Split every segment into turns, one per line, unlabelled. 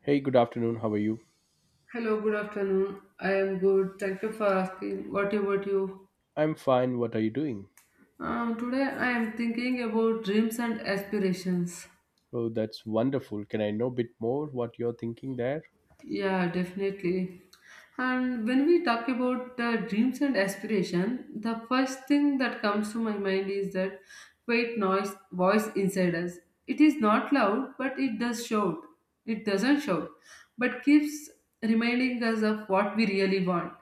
Hey, good afternoon. How are you?
Hello, good afternoon. I am good. Thank you for asking. What about you?
I'm fine. What are you doing?
Today I am thinking about dreams and aspirations.
Oh, that's wonderful. Can I know a bit more what you're thinking there?
Yeah, definitely. And when we talk about dreams and aspiration, the first thing that comes to my mind is that quiet noise voice inside us. It is not loud, but it does shout. It doesn't shout, but keeps reminding us of what we really want.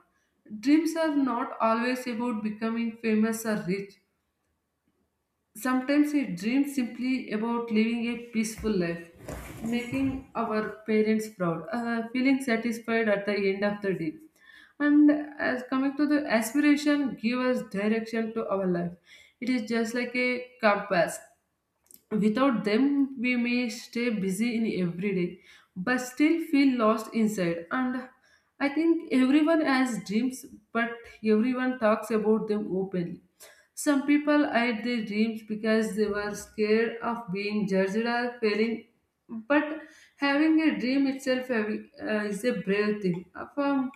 Dreams are not always about becoming famous or rich. Sometimes we dream simply about living a peaceful life, making our parents proud, feeling satisfied at the end of the day. And as coming to the aspiration, give us direction to our life. It is just like a compass. Without them, we may stay busy in every day, but still feel lost inside. And I think everyone has dreams, but everyone talks about them openly. Some people hide their dreams because they were scared of being judged or failing. But having a dream itself is a brave thing. For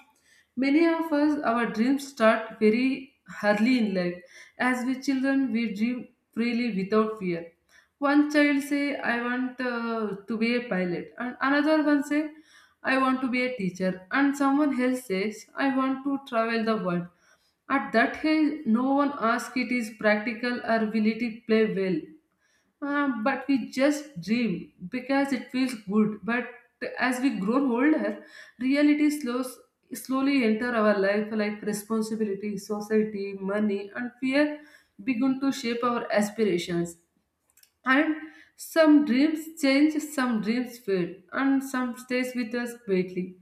many of us, our dreams start very early in life. As we children, we dream freely without fear. One child say, I want to be a pilot, and another one say, I want to be a teacher, and someone else says, I want to travel the world. At that age, no one asks it is practical or will it play well. But we just dream because it feels good. But as we grow older, reality slows slowly enter our life like responsibility, society, money, and fear begin to shape our aspirations. And some dreams change, some dreams fade, and some stays with us greatly.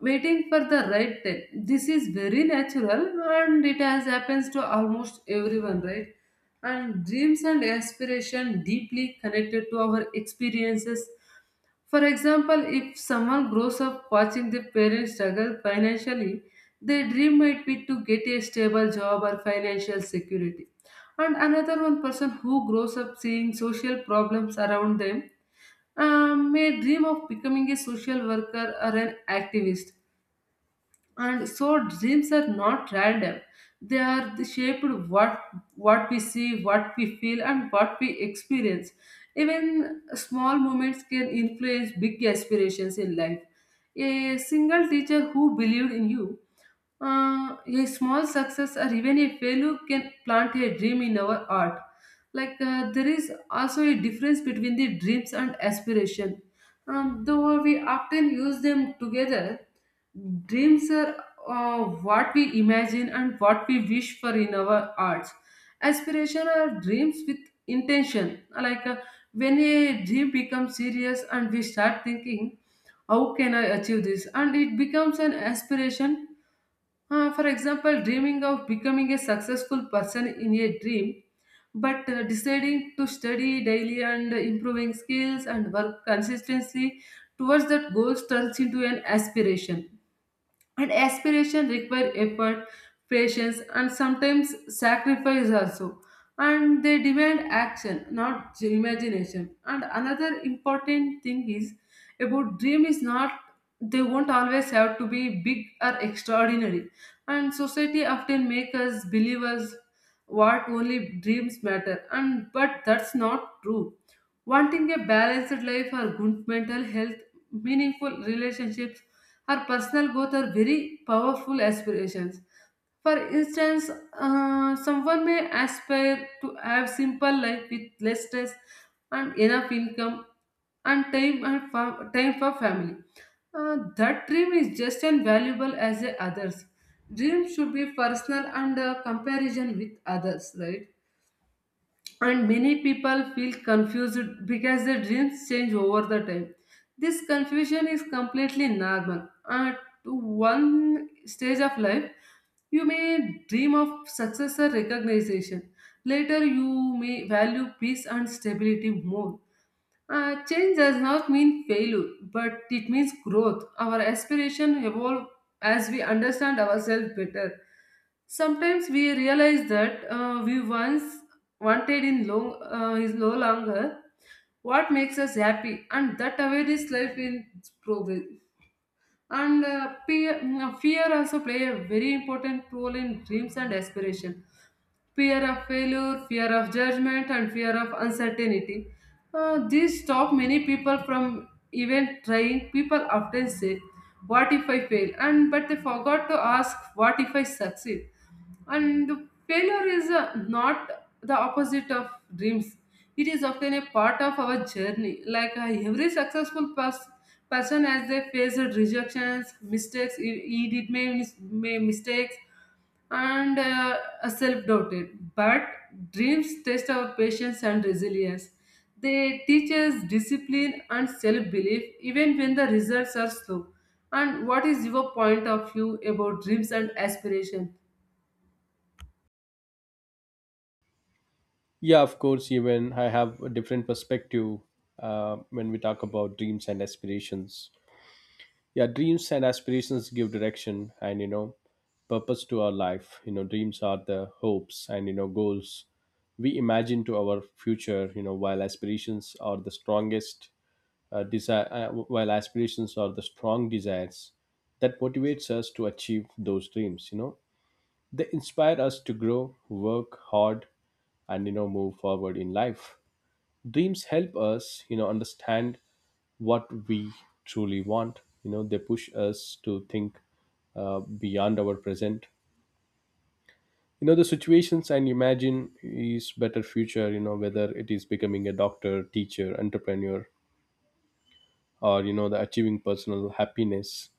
Waiting for the right time. This is very natural and it has happens to almost everyone, right? And dreams and aspiration deeply connected to our experiences. For example, if someone grows up watching their parents struggle financially, their dream might be to get a stable job or financial security. And another one person who grows up seeing social problems around them may dream of becoming a social worker or an activist. And so dreams are not random, they are the shaped what what we see, what we feel, and what we experience. Even small moments can influence big aspirations in life. A single teacher who believed in you, a small success, or even a failure can plant a dream in our heart. Like there is also a difference between the dreams and aspiration, though we often use them together. Dreams are what we imagine and what we wish for in our hearts. Aspiration are dreams with intention. Like when a dream becomes serious and we start thinking, how can I achieve this? And it becomes an aspiration. For example, dreaming of becoming a successful person in a dream, but deciding to study daily and improving skills and work consistently towards that goal turns into an aspiration. And aspiration require effort, patience, and sometimes sacrifice also. And they demand action, not imagination. And another important thing is about dream is not they won't always have to be big or extraordinary. And society often make us believe us what only dreams matter. And but that's not true. Wanting a balanced life, or good mental health, meaningful relationships, or personal growth are very powerful aspirations. For instance, someone may aspire to have simple life with less stress and enough income and time for family. That dream is just as valuable as the others. Dream should be personal and comparison with others, right? And many people feel confused because their dreams change over the time. This confusion is completely normal. At one stage of life, you may dream of success or recognition. Later, you may value peace and stability more. Change does not mean failure, but it means growth. Our aspiration evolve as we understand ourselves better. Sometimes we realize that we once wanted in long is no longer what makes us happy, and that awareness life in progress. And fear also play a very important role in dreams and aspiration. Fear of failure, fear of judgment, and fear of uncertainty. These stop many people from even trying. People often say, "What if I fail?" and but they forgot to ask, "What if I succeed?" And failure is not the opposite of dreams. It is often a part of our journey. Like every successful person, as they faced rejections, mistakes, he did make made mistakes and self-doubted. But dreams test our patience and resilience. They teach us discipline and self-belief even when the results are slow. And what is your point of view about dreams and aspiration?
Yeah, of course. Even I have a different perspective when we talk about dreams and aspirations. Yeah, dreams and aspirations give direction and purpose to our life. Dreams are the hopes and goals we imagine to our future while aspirations are the strongest desire, while aspirations are the strong desires that motivates us to achieve those dreams. They inspire us to grow, work hard, and move forward in life. Dreams help us understand what we truly want. They push us to think beyond our present. The situations and imagine is better future. Whether it is becoming a doctor, teacher, entrepreneur, or the achieving personal happiness.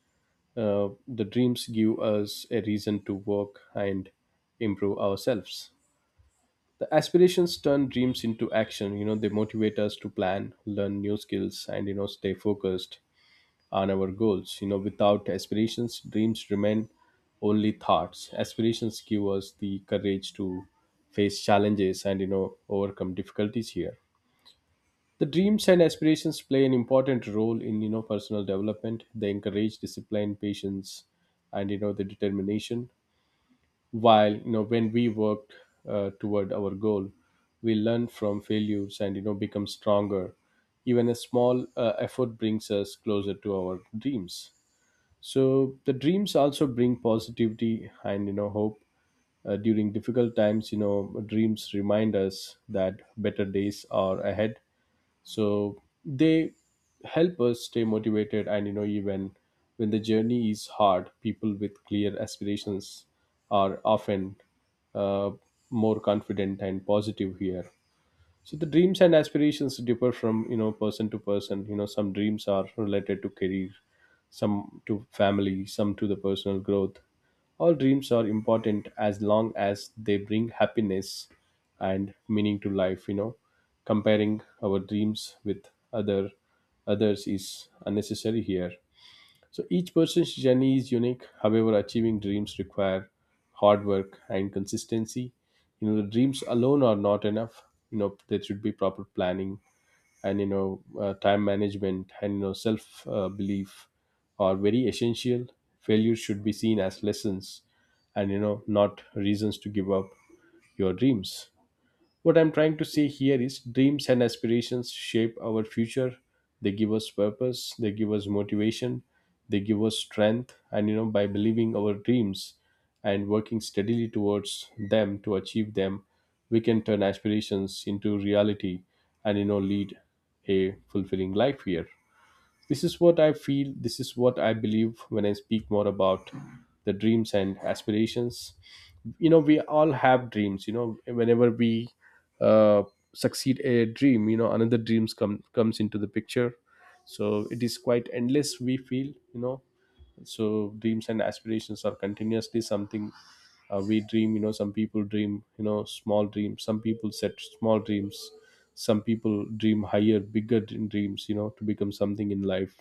The dreams give us a reason to work and improve ourselves. The aspirations turn dreams into action. They motivate us to plan, learn new skills, and stay focused on our goals. Without aspirations, dreams remain only thoughts. Aspirations give us the courage to face challenges and overcome difficulties here. The dreams and aspirations play an important role in personal development. They encourage discipline, patience, and the determination. While when we work toward our goal, we learn from failures and become stronger. Even a small effort brings us closer to our dreams. So the dreams also bring positivity and hope. During difficult times, dreams remind us that better days are ahead, so they help us stay motivated, and even when the journey is hard, people with clear aspirations are often uh, more confident and positive here. So the dreams and aspirations differ from person to person. You know some dreams are related to career, some to family, some to the personal growth. All dreams are important as long as they bring happiness and meaning to life. You know comparing our dreams with others is unnecessary here. So each person's journey is unique. However, achieving dreams require hard work and consistency. You know, the dreams alone are not enough. You know, there should be proper planning and time management and self belief are very essential. Failures should be seen as lessons, and not reasons to give up your dreams. What I'm trying to say here is dreams and aspirations shape our future. They give us purpose, they give us motivation, they give us strength, and by believing our dreams and working steadily towards them to achieve them, we can turn aspirations into reality and lead a fulfilling life here. This is what I feel, this is what I believe when I speak more about the dreams and aspirations. You know, we all have dreams whenever we uh, succeed a dream another dreams comes into the picture. So it is quite endless we feel. So dreams and aspirations are continuously something we dream. You know some people dream, small dreams. Some people set small dreams, some people dream higher, bigger dreams, to become something in life.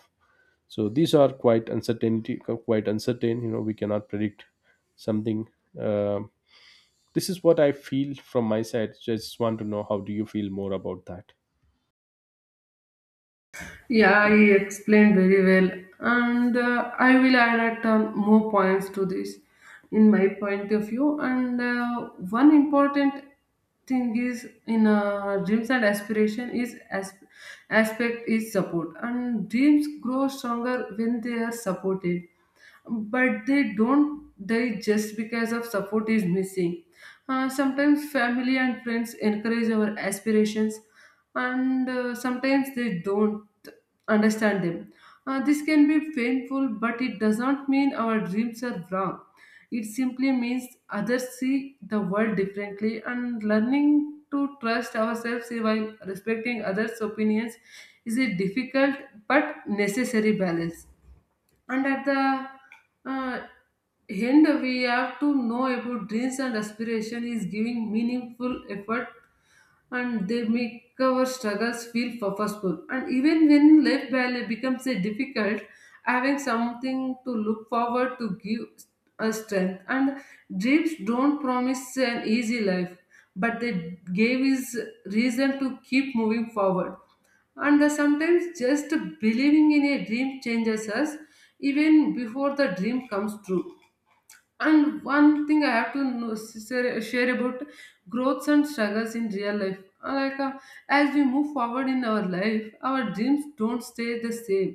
So these are quite uncertainty, quite uncertain. You know we cannot predict something. Uh, this is what I feel from my side. Just want to know, how do you feel more about that?
Yeah, he explained very well, and I will add more points to this in my point of view. And one important thing is in dreams and aspiration is as aspect is support, and dreams grow stronger when they are supported, but they don't die just because of support is missing. Sometimes family and friends encourage our aspirations, and sometimes they don't understand them. This can be painful, but it does not mean our dreams are wrong. It simply means others see the world differently, and learning to trust ourselves while respecting others' opinions is a difficult but necessary balance. And at the end we have to know about dreams and aspiration is giving meaningful effort and they make our struggles feel purposeful. And even when life balance becomes a difficult, having something to look forward to give us strength. And dreams don't promise an easy life, but they gave us reason to keep moving forward. And sometimes just believing in a dream changes us even before the dream comes true. And one thing I have to know, share about growths and struggles in real life. Like as we move forward in our life, our dreams don't stay the same,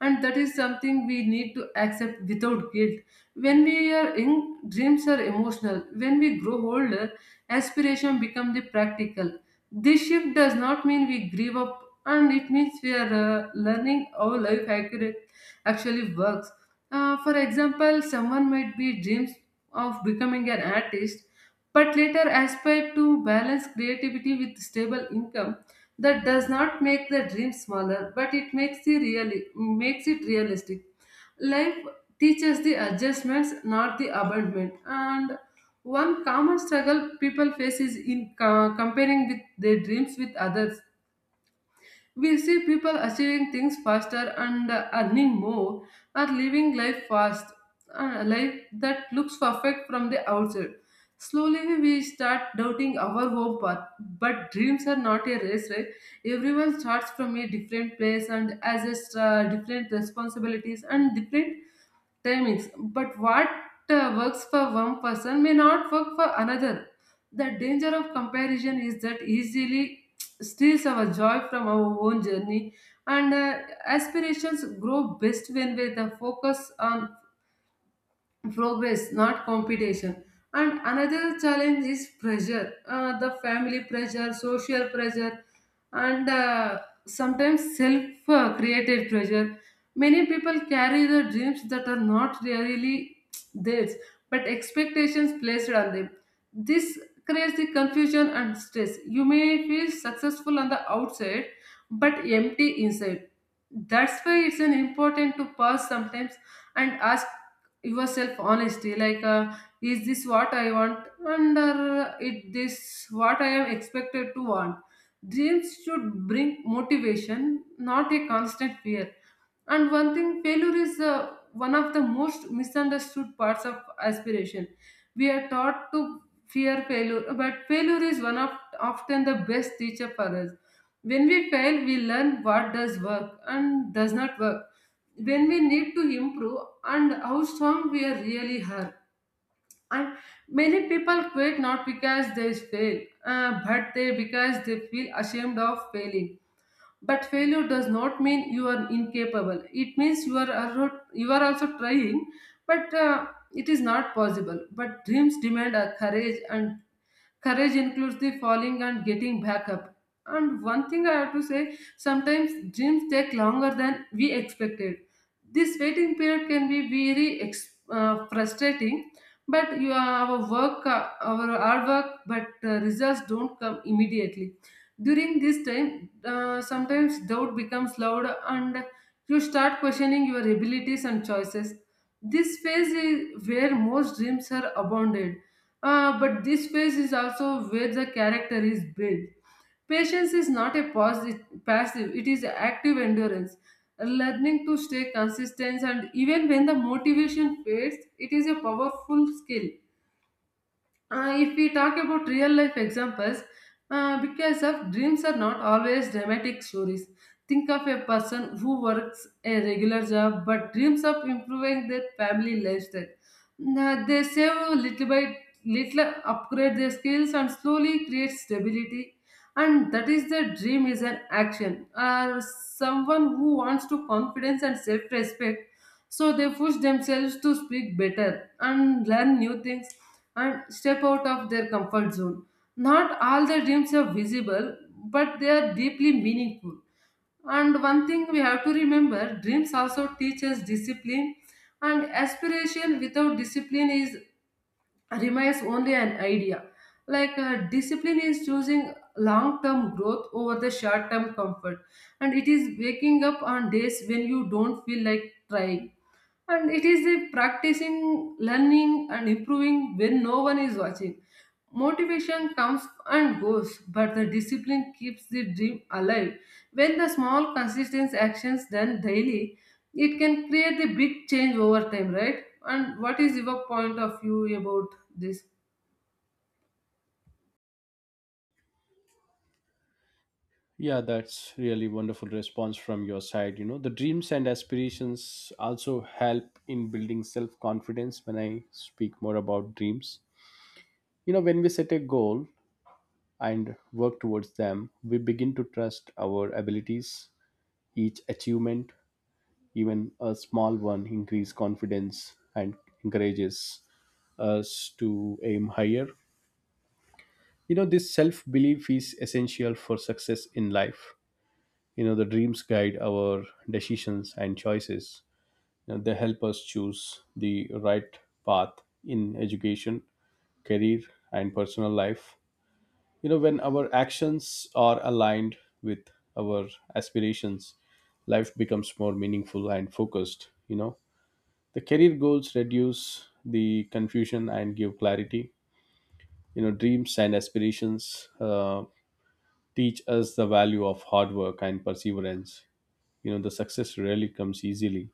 and that is something we need to accept without guilt. When we are young, dreams are emotional. When we grow older, aspiration become the practical. This shift does not mean we give up, and it means we are learning how life accurate actually works. For example, someone might be dreams of becoming an artist, but later aspire to balance creativity with stable income. That does not make the dream smaller, but it makes the makes it realistic. Life teaches the adjustments, not the abandonment. And one common struggle people face is in comparing with their dreams with others. We see people achieving things faster and earning more or living life fast, a life that looks perfect from the outside. Slowly we start doubting our home path, but dreams are not a race, right? Everyone starts from a different place and has a different responsibilities and different timings. But what works for one person may not work for another. The danger of comparison is that easily steals our joy from our own journey, and aspirations grow best when we the focus on progress, not competition. And another challenge is pressure, the family pressure, social pressure, and sometimes self created pressure. Many people carry the dreams that are not really theirs, but expectations placed on them. This creates the confusion and stress. You may feel successful on the outside, but empty inside. That's why it's an important to pause sometimes and ask yourself honesty, like is this what I want, and it this what I am expected to want? Dreams should bring motivation, not a constant fear. And one thing, failure is one of the most misunderstood parts of aspiration. We are taught to fear failure, but failure is one of often the best teacher for us. When we fail, we learn what does work and does not work, when we need to improve, and how strong we are really are. And many people quit not because they fail, but they because they feel ashamed of failing. But failure does not mean you are incapable. It means you are also trying, but it is not possible. But dreams demand a courage, and courage includes the falling and getting back up. And one thing I have to say, sometimes dreams take longer than we expected. This waiting period can be very frustrating, but our hard work, but results don't come immediately. During this time, sometimes doubt becomes loud and you start questioning your abilities and choices. This phase is where most dreams are abounded, but this phase is also where the character is built. Patience is not a passive, it is active endurance. Learning to stay consistent and even when the motivation fades, it is a powerful skill. If we talk about real life examples, because of dreams are not always dramatic stories. Think of a person who works a regular job but dreams of improving their family lifestyle. Now, they save little by little, upgrade their skills, and slowly create stability. And that is the dream is an action. Or someone who wants to confidence and self respect, so they push themselves to speak better and learn new things and step out of their comfort zone. Not all their dreams are visible, but they are deeply meaningful. And one thing we have to remember dreams also teach us discipline, and aspiration without discipline is remains only an idea. Like discipline is choosing long term growth over the short term comfort, and it is waking up on days when you don't feel like trying, and it is a practicing learning and improving when no one is watching. Motivation comes and goes, but the discipline keeps the dream alive. When the small consistent actions done daily, it can create the big change over time, right? And what is your point of view about this?
Yeah, that's really wonderful response from your side. You know, the dreams and aspirations also help in building self confidence when I speak more about dreams. You know, when we set a goal and work towards them, we begin to trust our abilities. Each achievement, even a small one, increase confidence and encourages us to aim higher. You know, this self belief is essential for success in life. You know, the dreams guide our decisions and choices. You know, they help us choose the right path in education, career, and personal life. You know when our actions are aligned with our aspirations, life becomes more meaningful and focused. You know the career goals reduce the confusion and give clarity. Dreams and aspirations teach us the value of hard work and perseverance. You know the success rarely comes easily.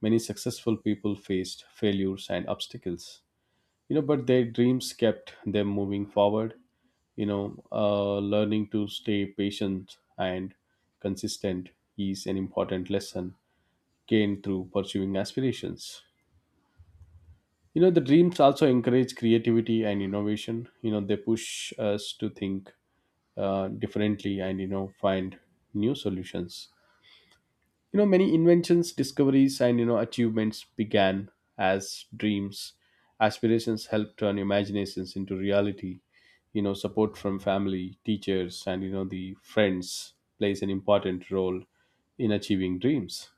Many successful people faced failures and obstacles, but their dreams kept them moving forward. you know Learning to stay patient and consistent is an important lesson gained through pursuing aspirations. You know the dreams also encourage creativity and innovation. You know they push us to think differently and find new solutions. You know many inventions, discoveries, and achievements began as dreams. Aspirations help turn imaginations into reality. Support from family, teachers, and you know the friends plays an important role in achieving dreams.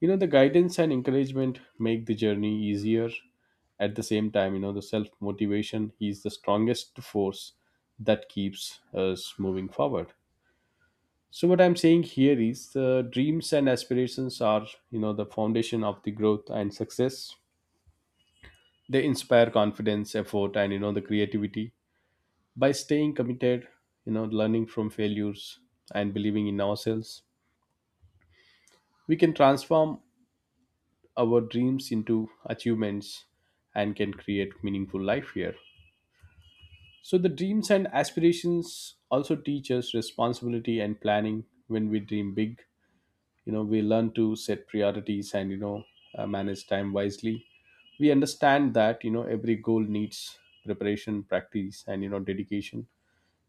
You know the guidance and encouragement make the journey easier. At the same time, you know the self motivation is the strongest force that keeps us moving forward. So what I'm saying here is the dreams and aspirations are the foundation of the growth and success. They inspire confidence, effort, and the creativity. By staying committed learning from failures and believing in ourselves, we can transform our dreams into achievements and can create meaningful life here. So the dreams and aspirations also teach us responsibility and planning. When we dream big, we learn to set priorities and manage time wisely. We understand that, every goal needs preparation, practice, and dedication.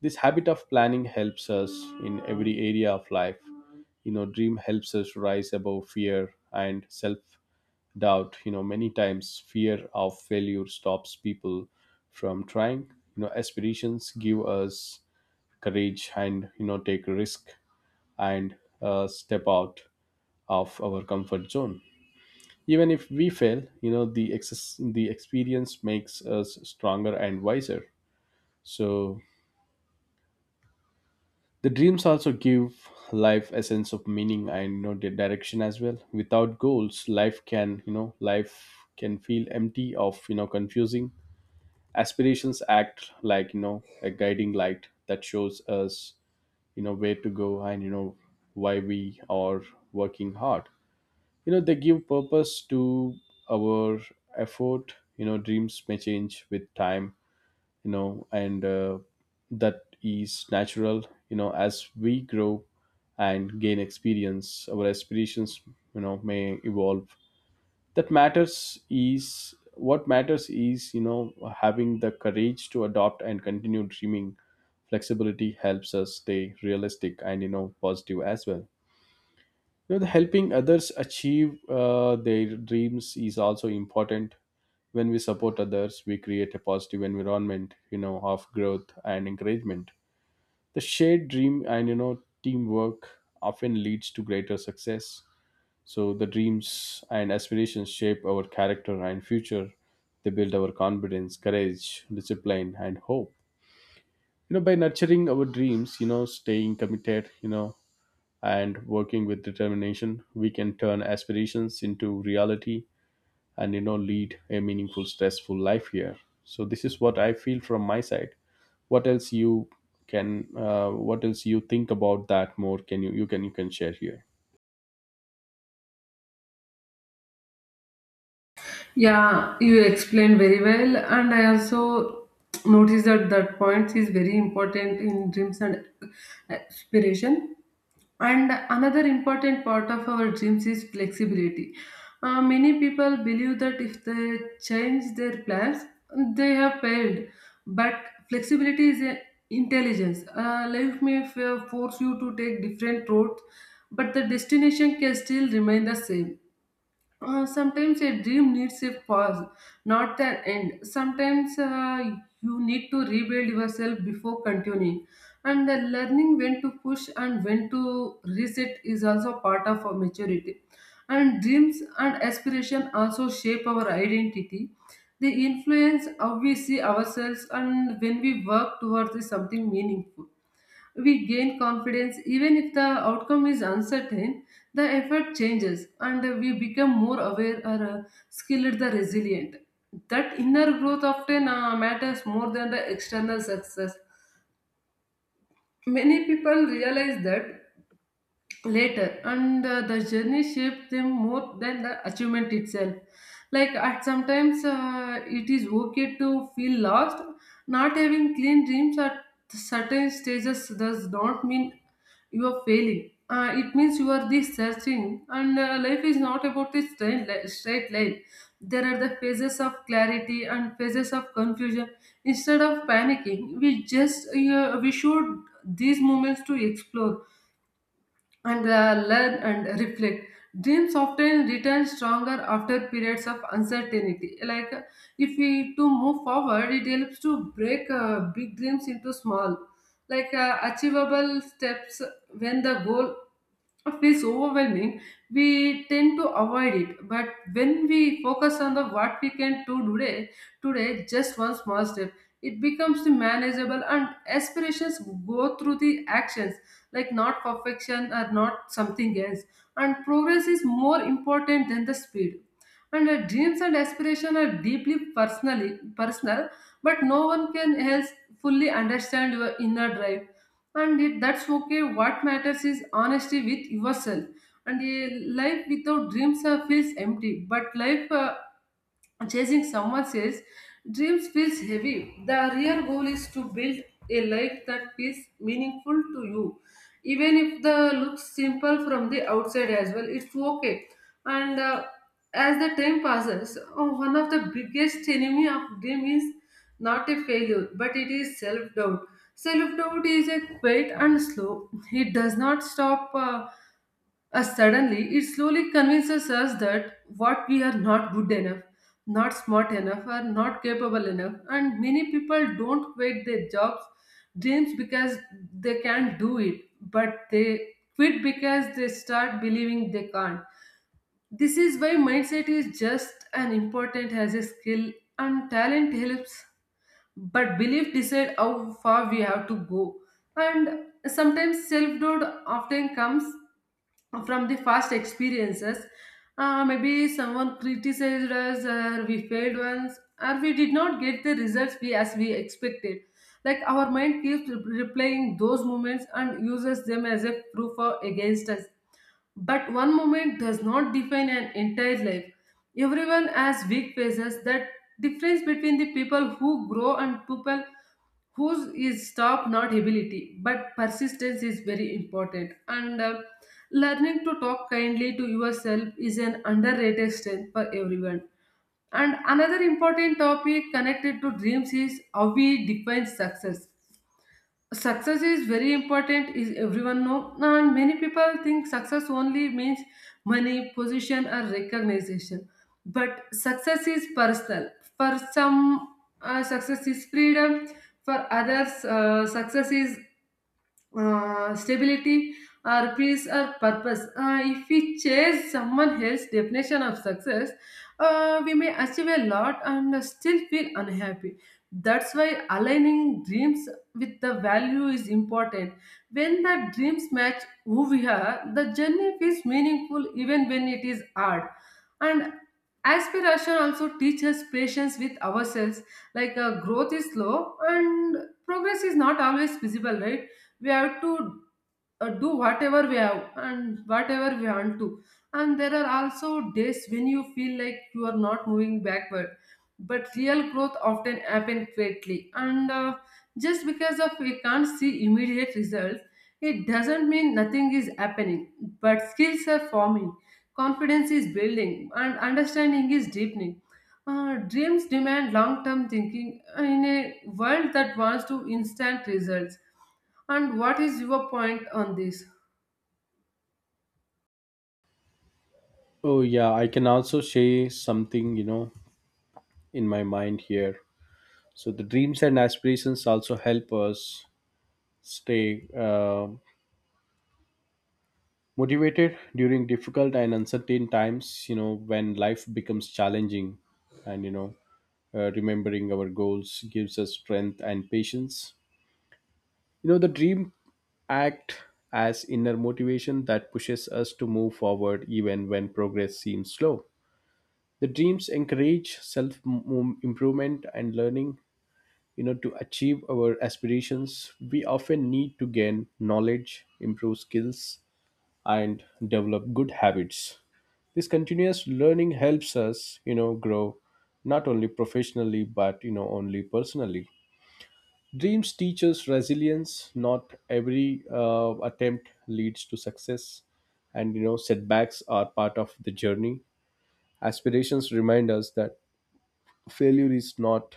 This habit of planning helps us in every area of life. You know dream helps us rise above fear and self doubt. You know many times fear of failure stops people from trying. Aspirations give us courage and take risk and step out of our comfort zone. Even if we fail, the the experience makes us stronger and wiser. So the dreams also give life a sense of meaning and you know the direction as well. Without goals, life can, you know, life can feel empty of, confusing. Aspirations act like, a guiding light that shows us where to go and why we are working hard. You know they give purpose to our effort. Dreams may change with time, and that is natural. As we grow and gain experience, our aspirations, may evolve. That matters is what matters is having the courage to adopt and continue dreaming. Flexibility helps us stay realistic and positive as well. You know the helping others achieve their dreams is also important. When we support others, we create a positive environment of growth and encouragement. The shared dream and teamwork often leads to greater success. So the dreams and aspirations shape our character and future. They build our confidence, courage, discipline, and hope. You know by nurturing our dreams, staying committed, and working with determination, we can turn aspirations into reality and lead a meaningful, stressful life here. So this is what I feel from my side. What else you can? What else you think about that more? Can you you can share here?
Yeah, you explained very well, and I also noticed that that point is very important in dreams and aspiration. And another important part of our dreams is flexibility. Many people believe that if they change their plans, they have failed. But flexibility is a intelligence. Life may force you to take different routes, but the destination can still remain the same. Sometimes a dream needs a pause, not an end. Sometimes you need to rebuild yourself before continuing. And the learning when to push and when to reset is also part of our maturity. And dreams and aspiration also shape our identity. They influence how we see ourselves and when we work towards something meaningful. We gain confidence even if the outcome is uncertain, the effort changes and we become more aware or skilled the resilient. That inner growth often matters more than the external success. Many people realize that later, and the journey shaped them more than the achievement itself. Like at sometimes it is okay to feel lost. Not having clean dreams at certain stages does not mean you are failing. It means you are this searching, and life is not about a straight, straight line. There are the phases of clarity and phases of confusion. Instead of panicking, we should these moments to explore and learn and reflect. Dreams often return stronger after periods of uncertainty. Like if we to move forward, it helps to break big dreams into small, like achievable steps. When the goal feels overwhelming, we tend to avoid it. But when we focus on the what we can do today, today just one small step, it becomes the manageable and aspirations go through the actions, like not perfection or not something else. And progress is more important than the speed. And our dreams and aspirations are deeply personally personal, but no one can else fully understand your inner drive, and it, that's okay. What matters is honesty with yourself. And a life without dreams feels empty, but life chasing someone says dreams feels heavy. The real goal is to build a life that feels meaningful to you, even if the looks simple from the outside as well, it's okay. And as the time passes, oh, one of the biggest enemy of dream is not a failure, but it is self doubt. Self doubt is a quiet and slow. It does not stop suddenly, it slowly convinces us that what we are not good enough, not smart enough, or not capable enough. And many people don't quit their jobs, dreams because they can't do it, but they quit because they start believing they can't. This is why mindset is just as important as a skill, and talent helps, but belief decide how far we have to go. And sometimes self doubt often comes from the past experiences. Maybe someone criticized us, or we failed once, or we did not get the results we as we expected. Like our mind keeps replaying those moments and uses them as a proof or against us. But one moment does not define an entire life. Everyone has weak phases. That difference between the people who grow and people whose is stop not ability but persistence is very important, and learning to talk kindly to yourself is an underrated strength for everyone. And another important topic connected to dreams is how we define success. Success is very important is everyone know, and many people think success only means money position or recognition, but success is personal. For some, success is freedom. For others, success is stability or peace or purpose. If we chase someone else's definition of success, we may achieve a lot and still feel unhappy. That's why aligning dreams with the value is important. When the dreams match who we are, the journey feels meaningful even when it is hard. And aspiration also teaches patience with ourselves. Like growth is slow and progress is not always visible, right? We have to do whatever we have and whatever we want to. And there are also days when you feel like you are not moving backward, but real growth often happens quickly, and just because of we can't see immediate results, it doesn't mean nothing is happening. But skills are forming, confidence is building, and understanding is deepening. Dreams demand long-term thinking in a world that wants to instant results. And what is your point on this?
Oh yeah, I can also share something in my mind here. So the dreams and aspirations also help us stay motivated during difficult and uncertain times. You know when life becomes challenging and remembering our goals gives us strength and patience. You know the dream act as inner motivation that pushes us to move forward even when progress seems slow. The dreams encourage self improvement and learning. You know to achieve our aspirations, we often need to gain knowledge, improve skills, and develop good habits. This continuous learning helps us grow not only professionally but only personally. Dreams teach us resilience. Not every attempt leads to success, and setbacks are part of the journey. Aspirations remind us that failure is not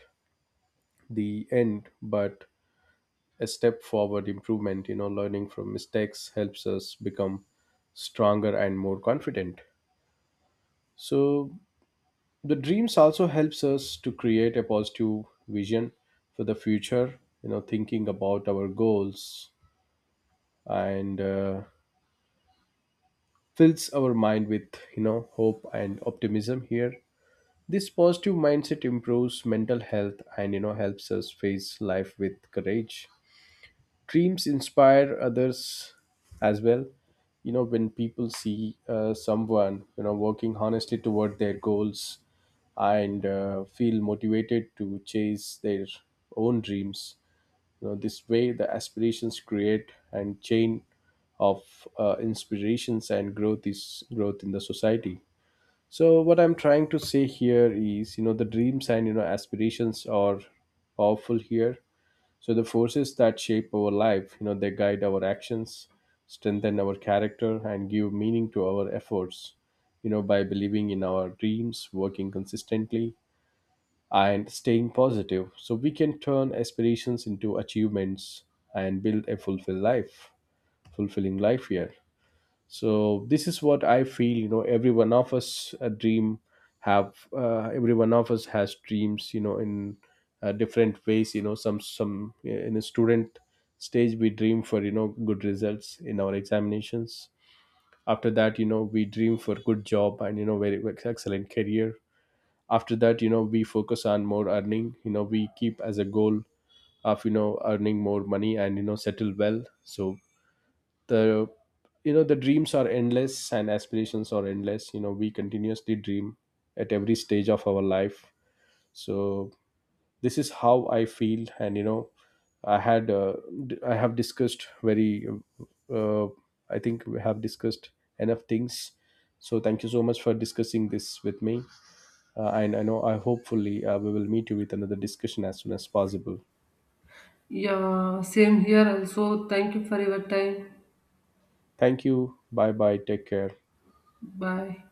the end, but a step forward improvement. You know, learning from mistakes helps us become stronger and more confident. So, the dreams also helps us to create a positive vision for the future. You know thinking about our goals and fills our mind with hope and optimism here. This positive mindset improves mental health and helps us face life with courage. Dreams inspire others as well. You know when people see someone working honestly toward their goals and feel motivated to chase their own dreams. You know this way, the aspirations create and chain of inspirations and growth is growth in the society. So what I'm trying to say here is you know the dreams and aspirations are powerful here. So the forces that shape our life they guide our actions, strengthen our character, and give meaning to our efforts. You know, by believing in our dreams, working consistently, and staying positive, so we can turn aspirations into achievements and build a fulfilling life here. So this is what I feel. You know every one of us a dream have Every one of us has dreams in different ways. You know some yeah, in a student stage we dream for good results in our examinations. After that, we dream for good job and very excellent career. After that, we focus on more earning. You know we keep as a goal of earning more money and settle well. So the dreams are endless and aspirations are endless. You know we continuously dream at every stage of our life. So this is how I feel. And i had uh, I have discussed very. Uh, I think we have discussed enough things. So thank you so much for discussing this with me. Uh, and I know, I hopefully, we will meet you with another discussion as soon as possible.
Yeah, same here also. Thank you for your time.
Thank you. Bye bye, take care.
Bye.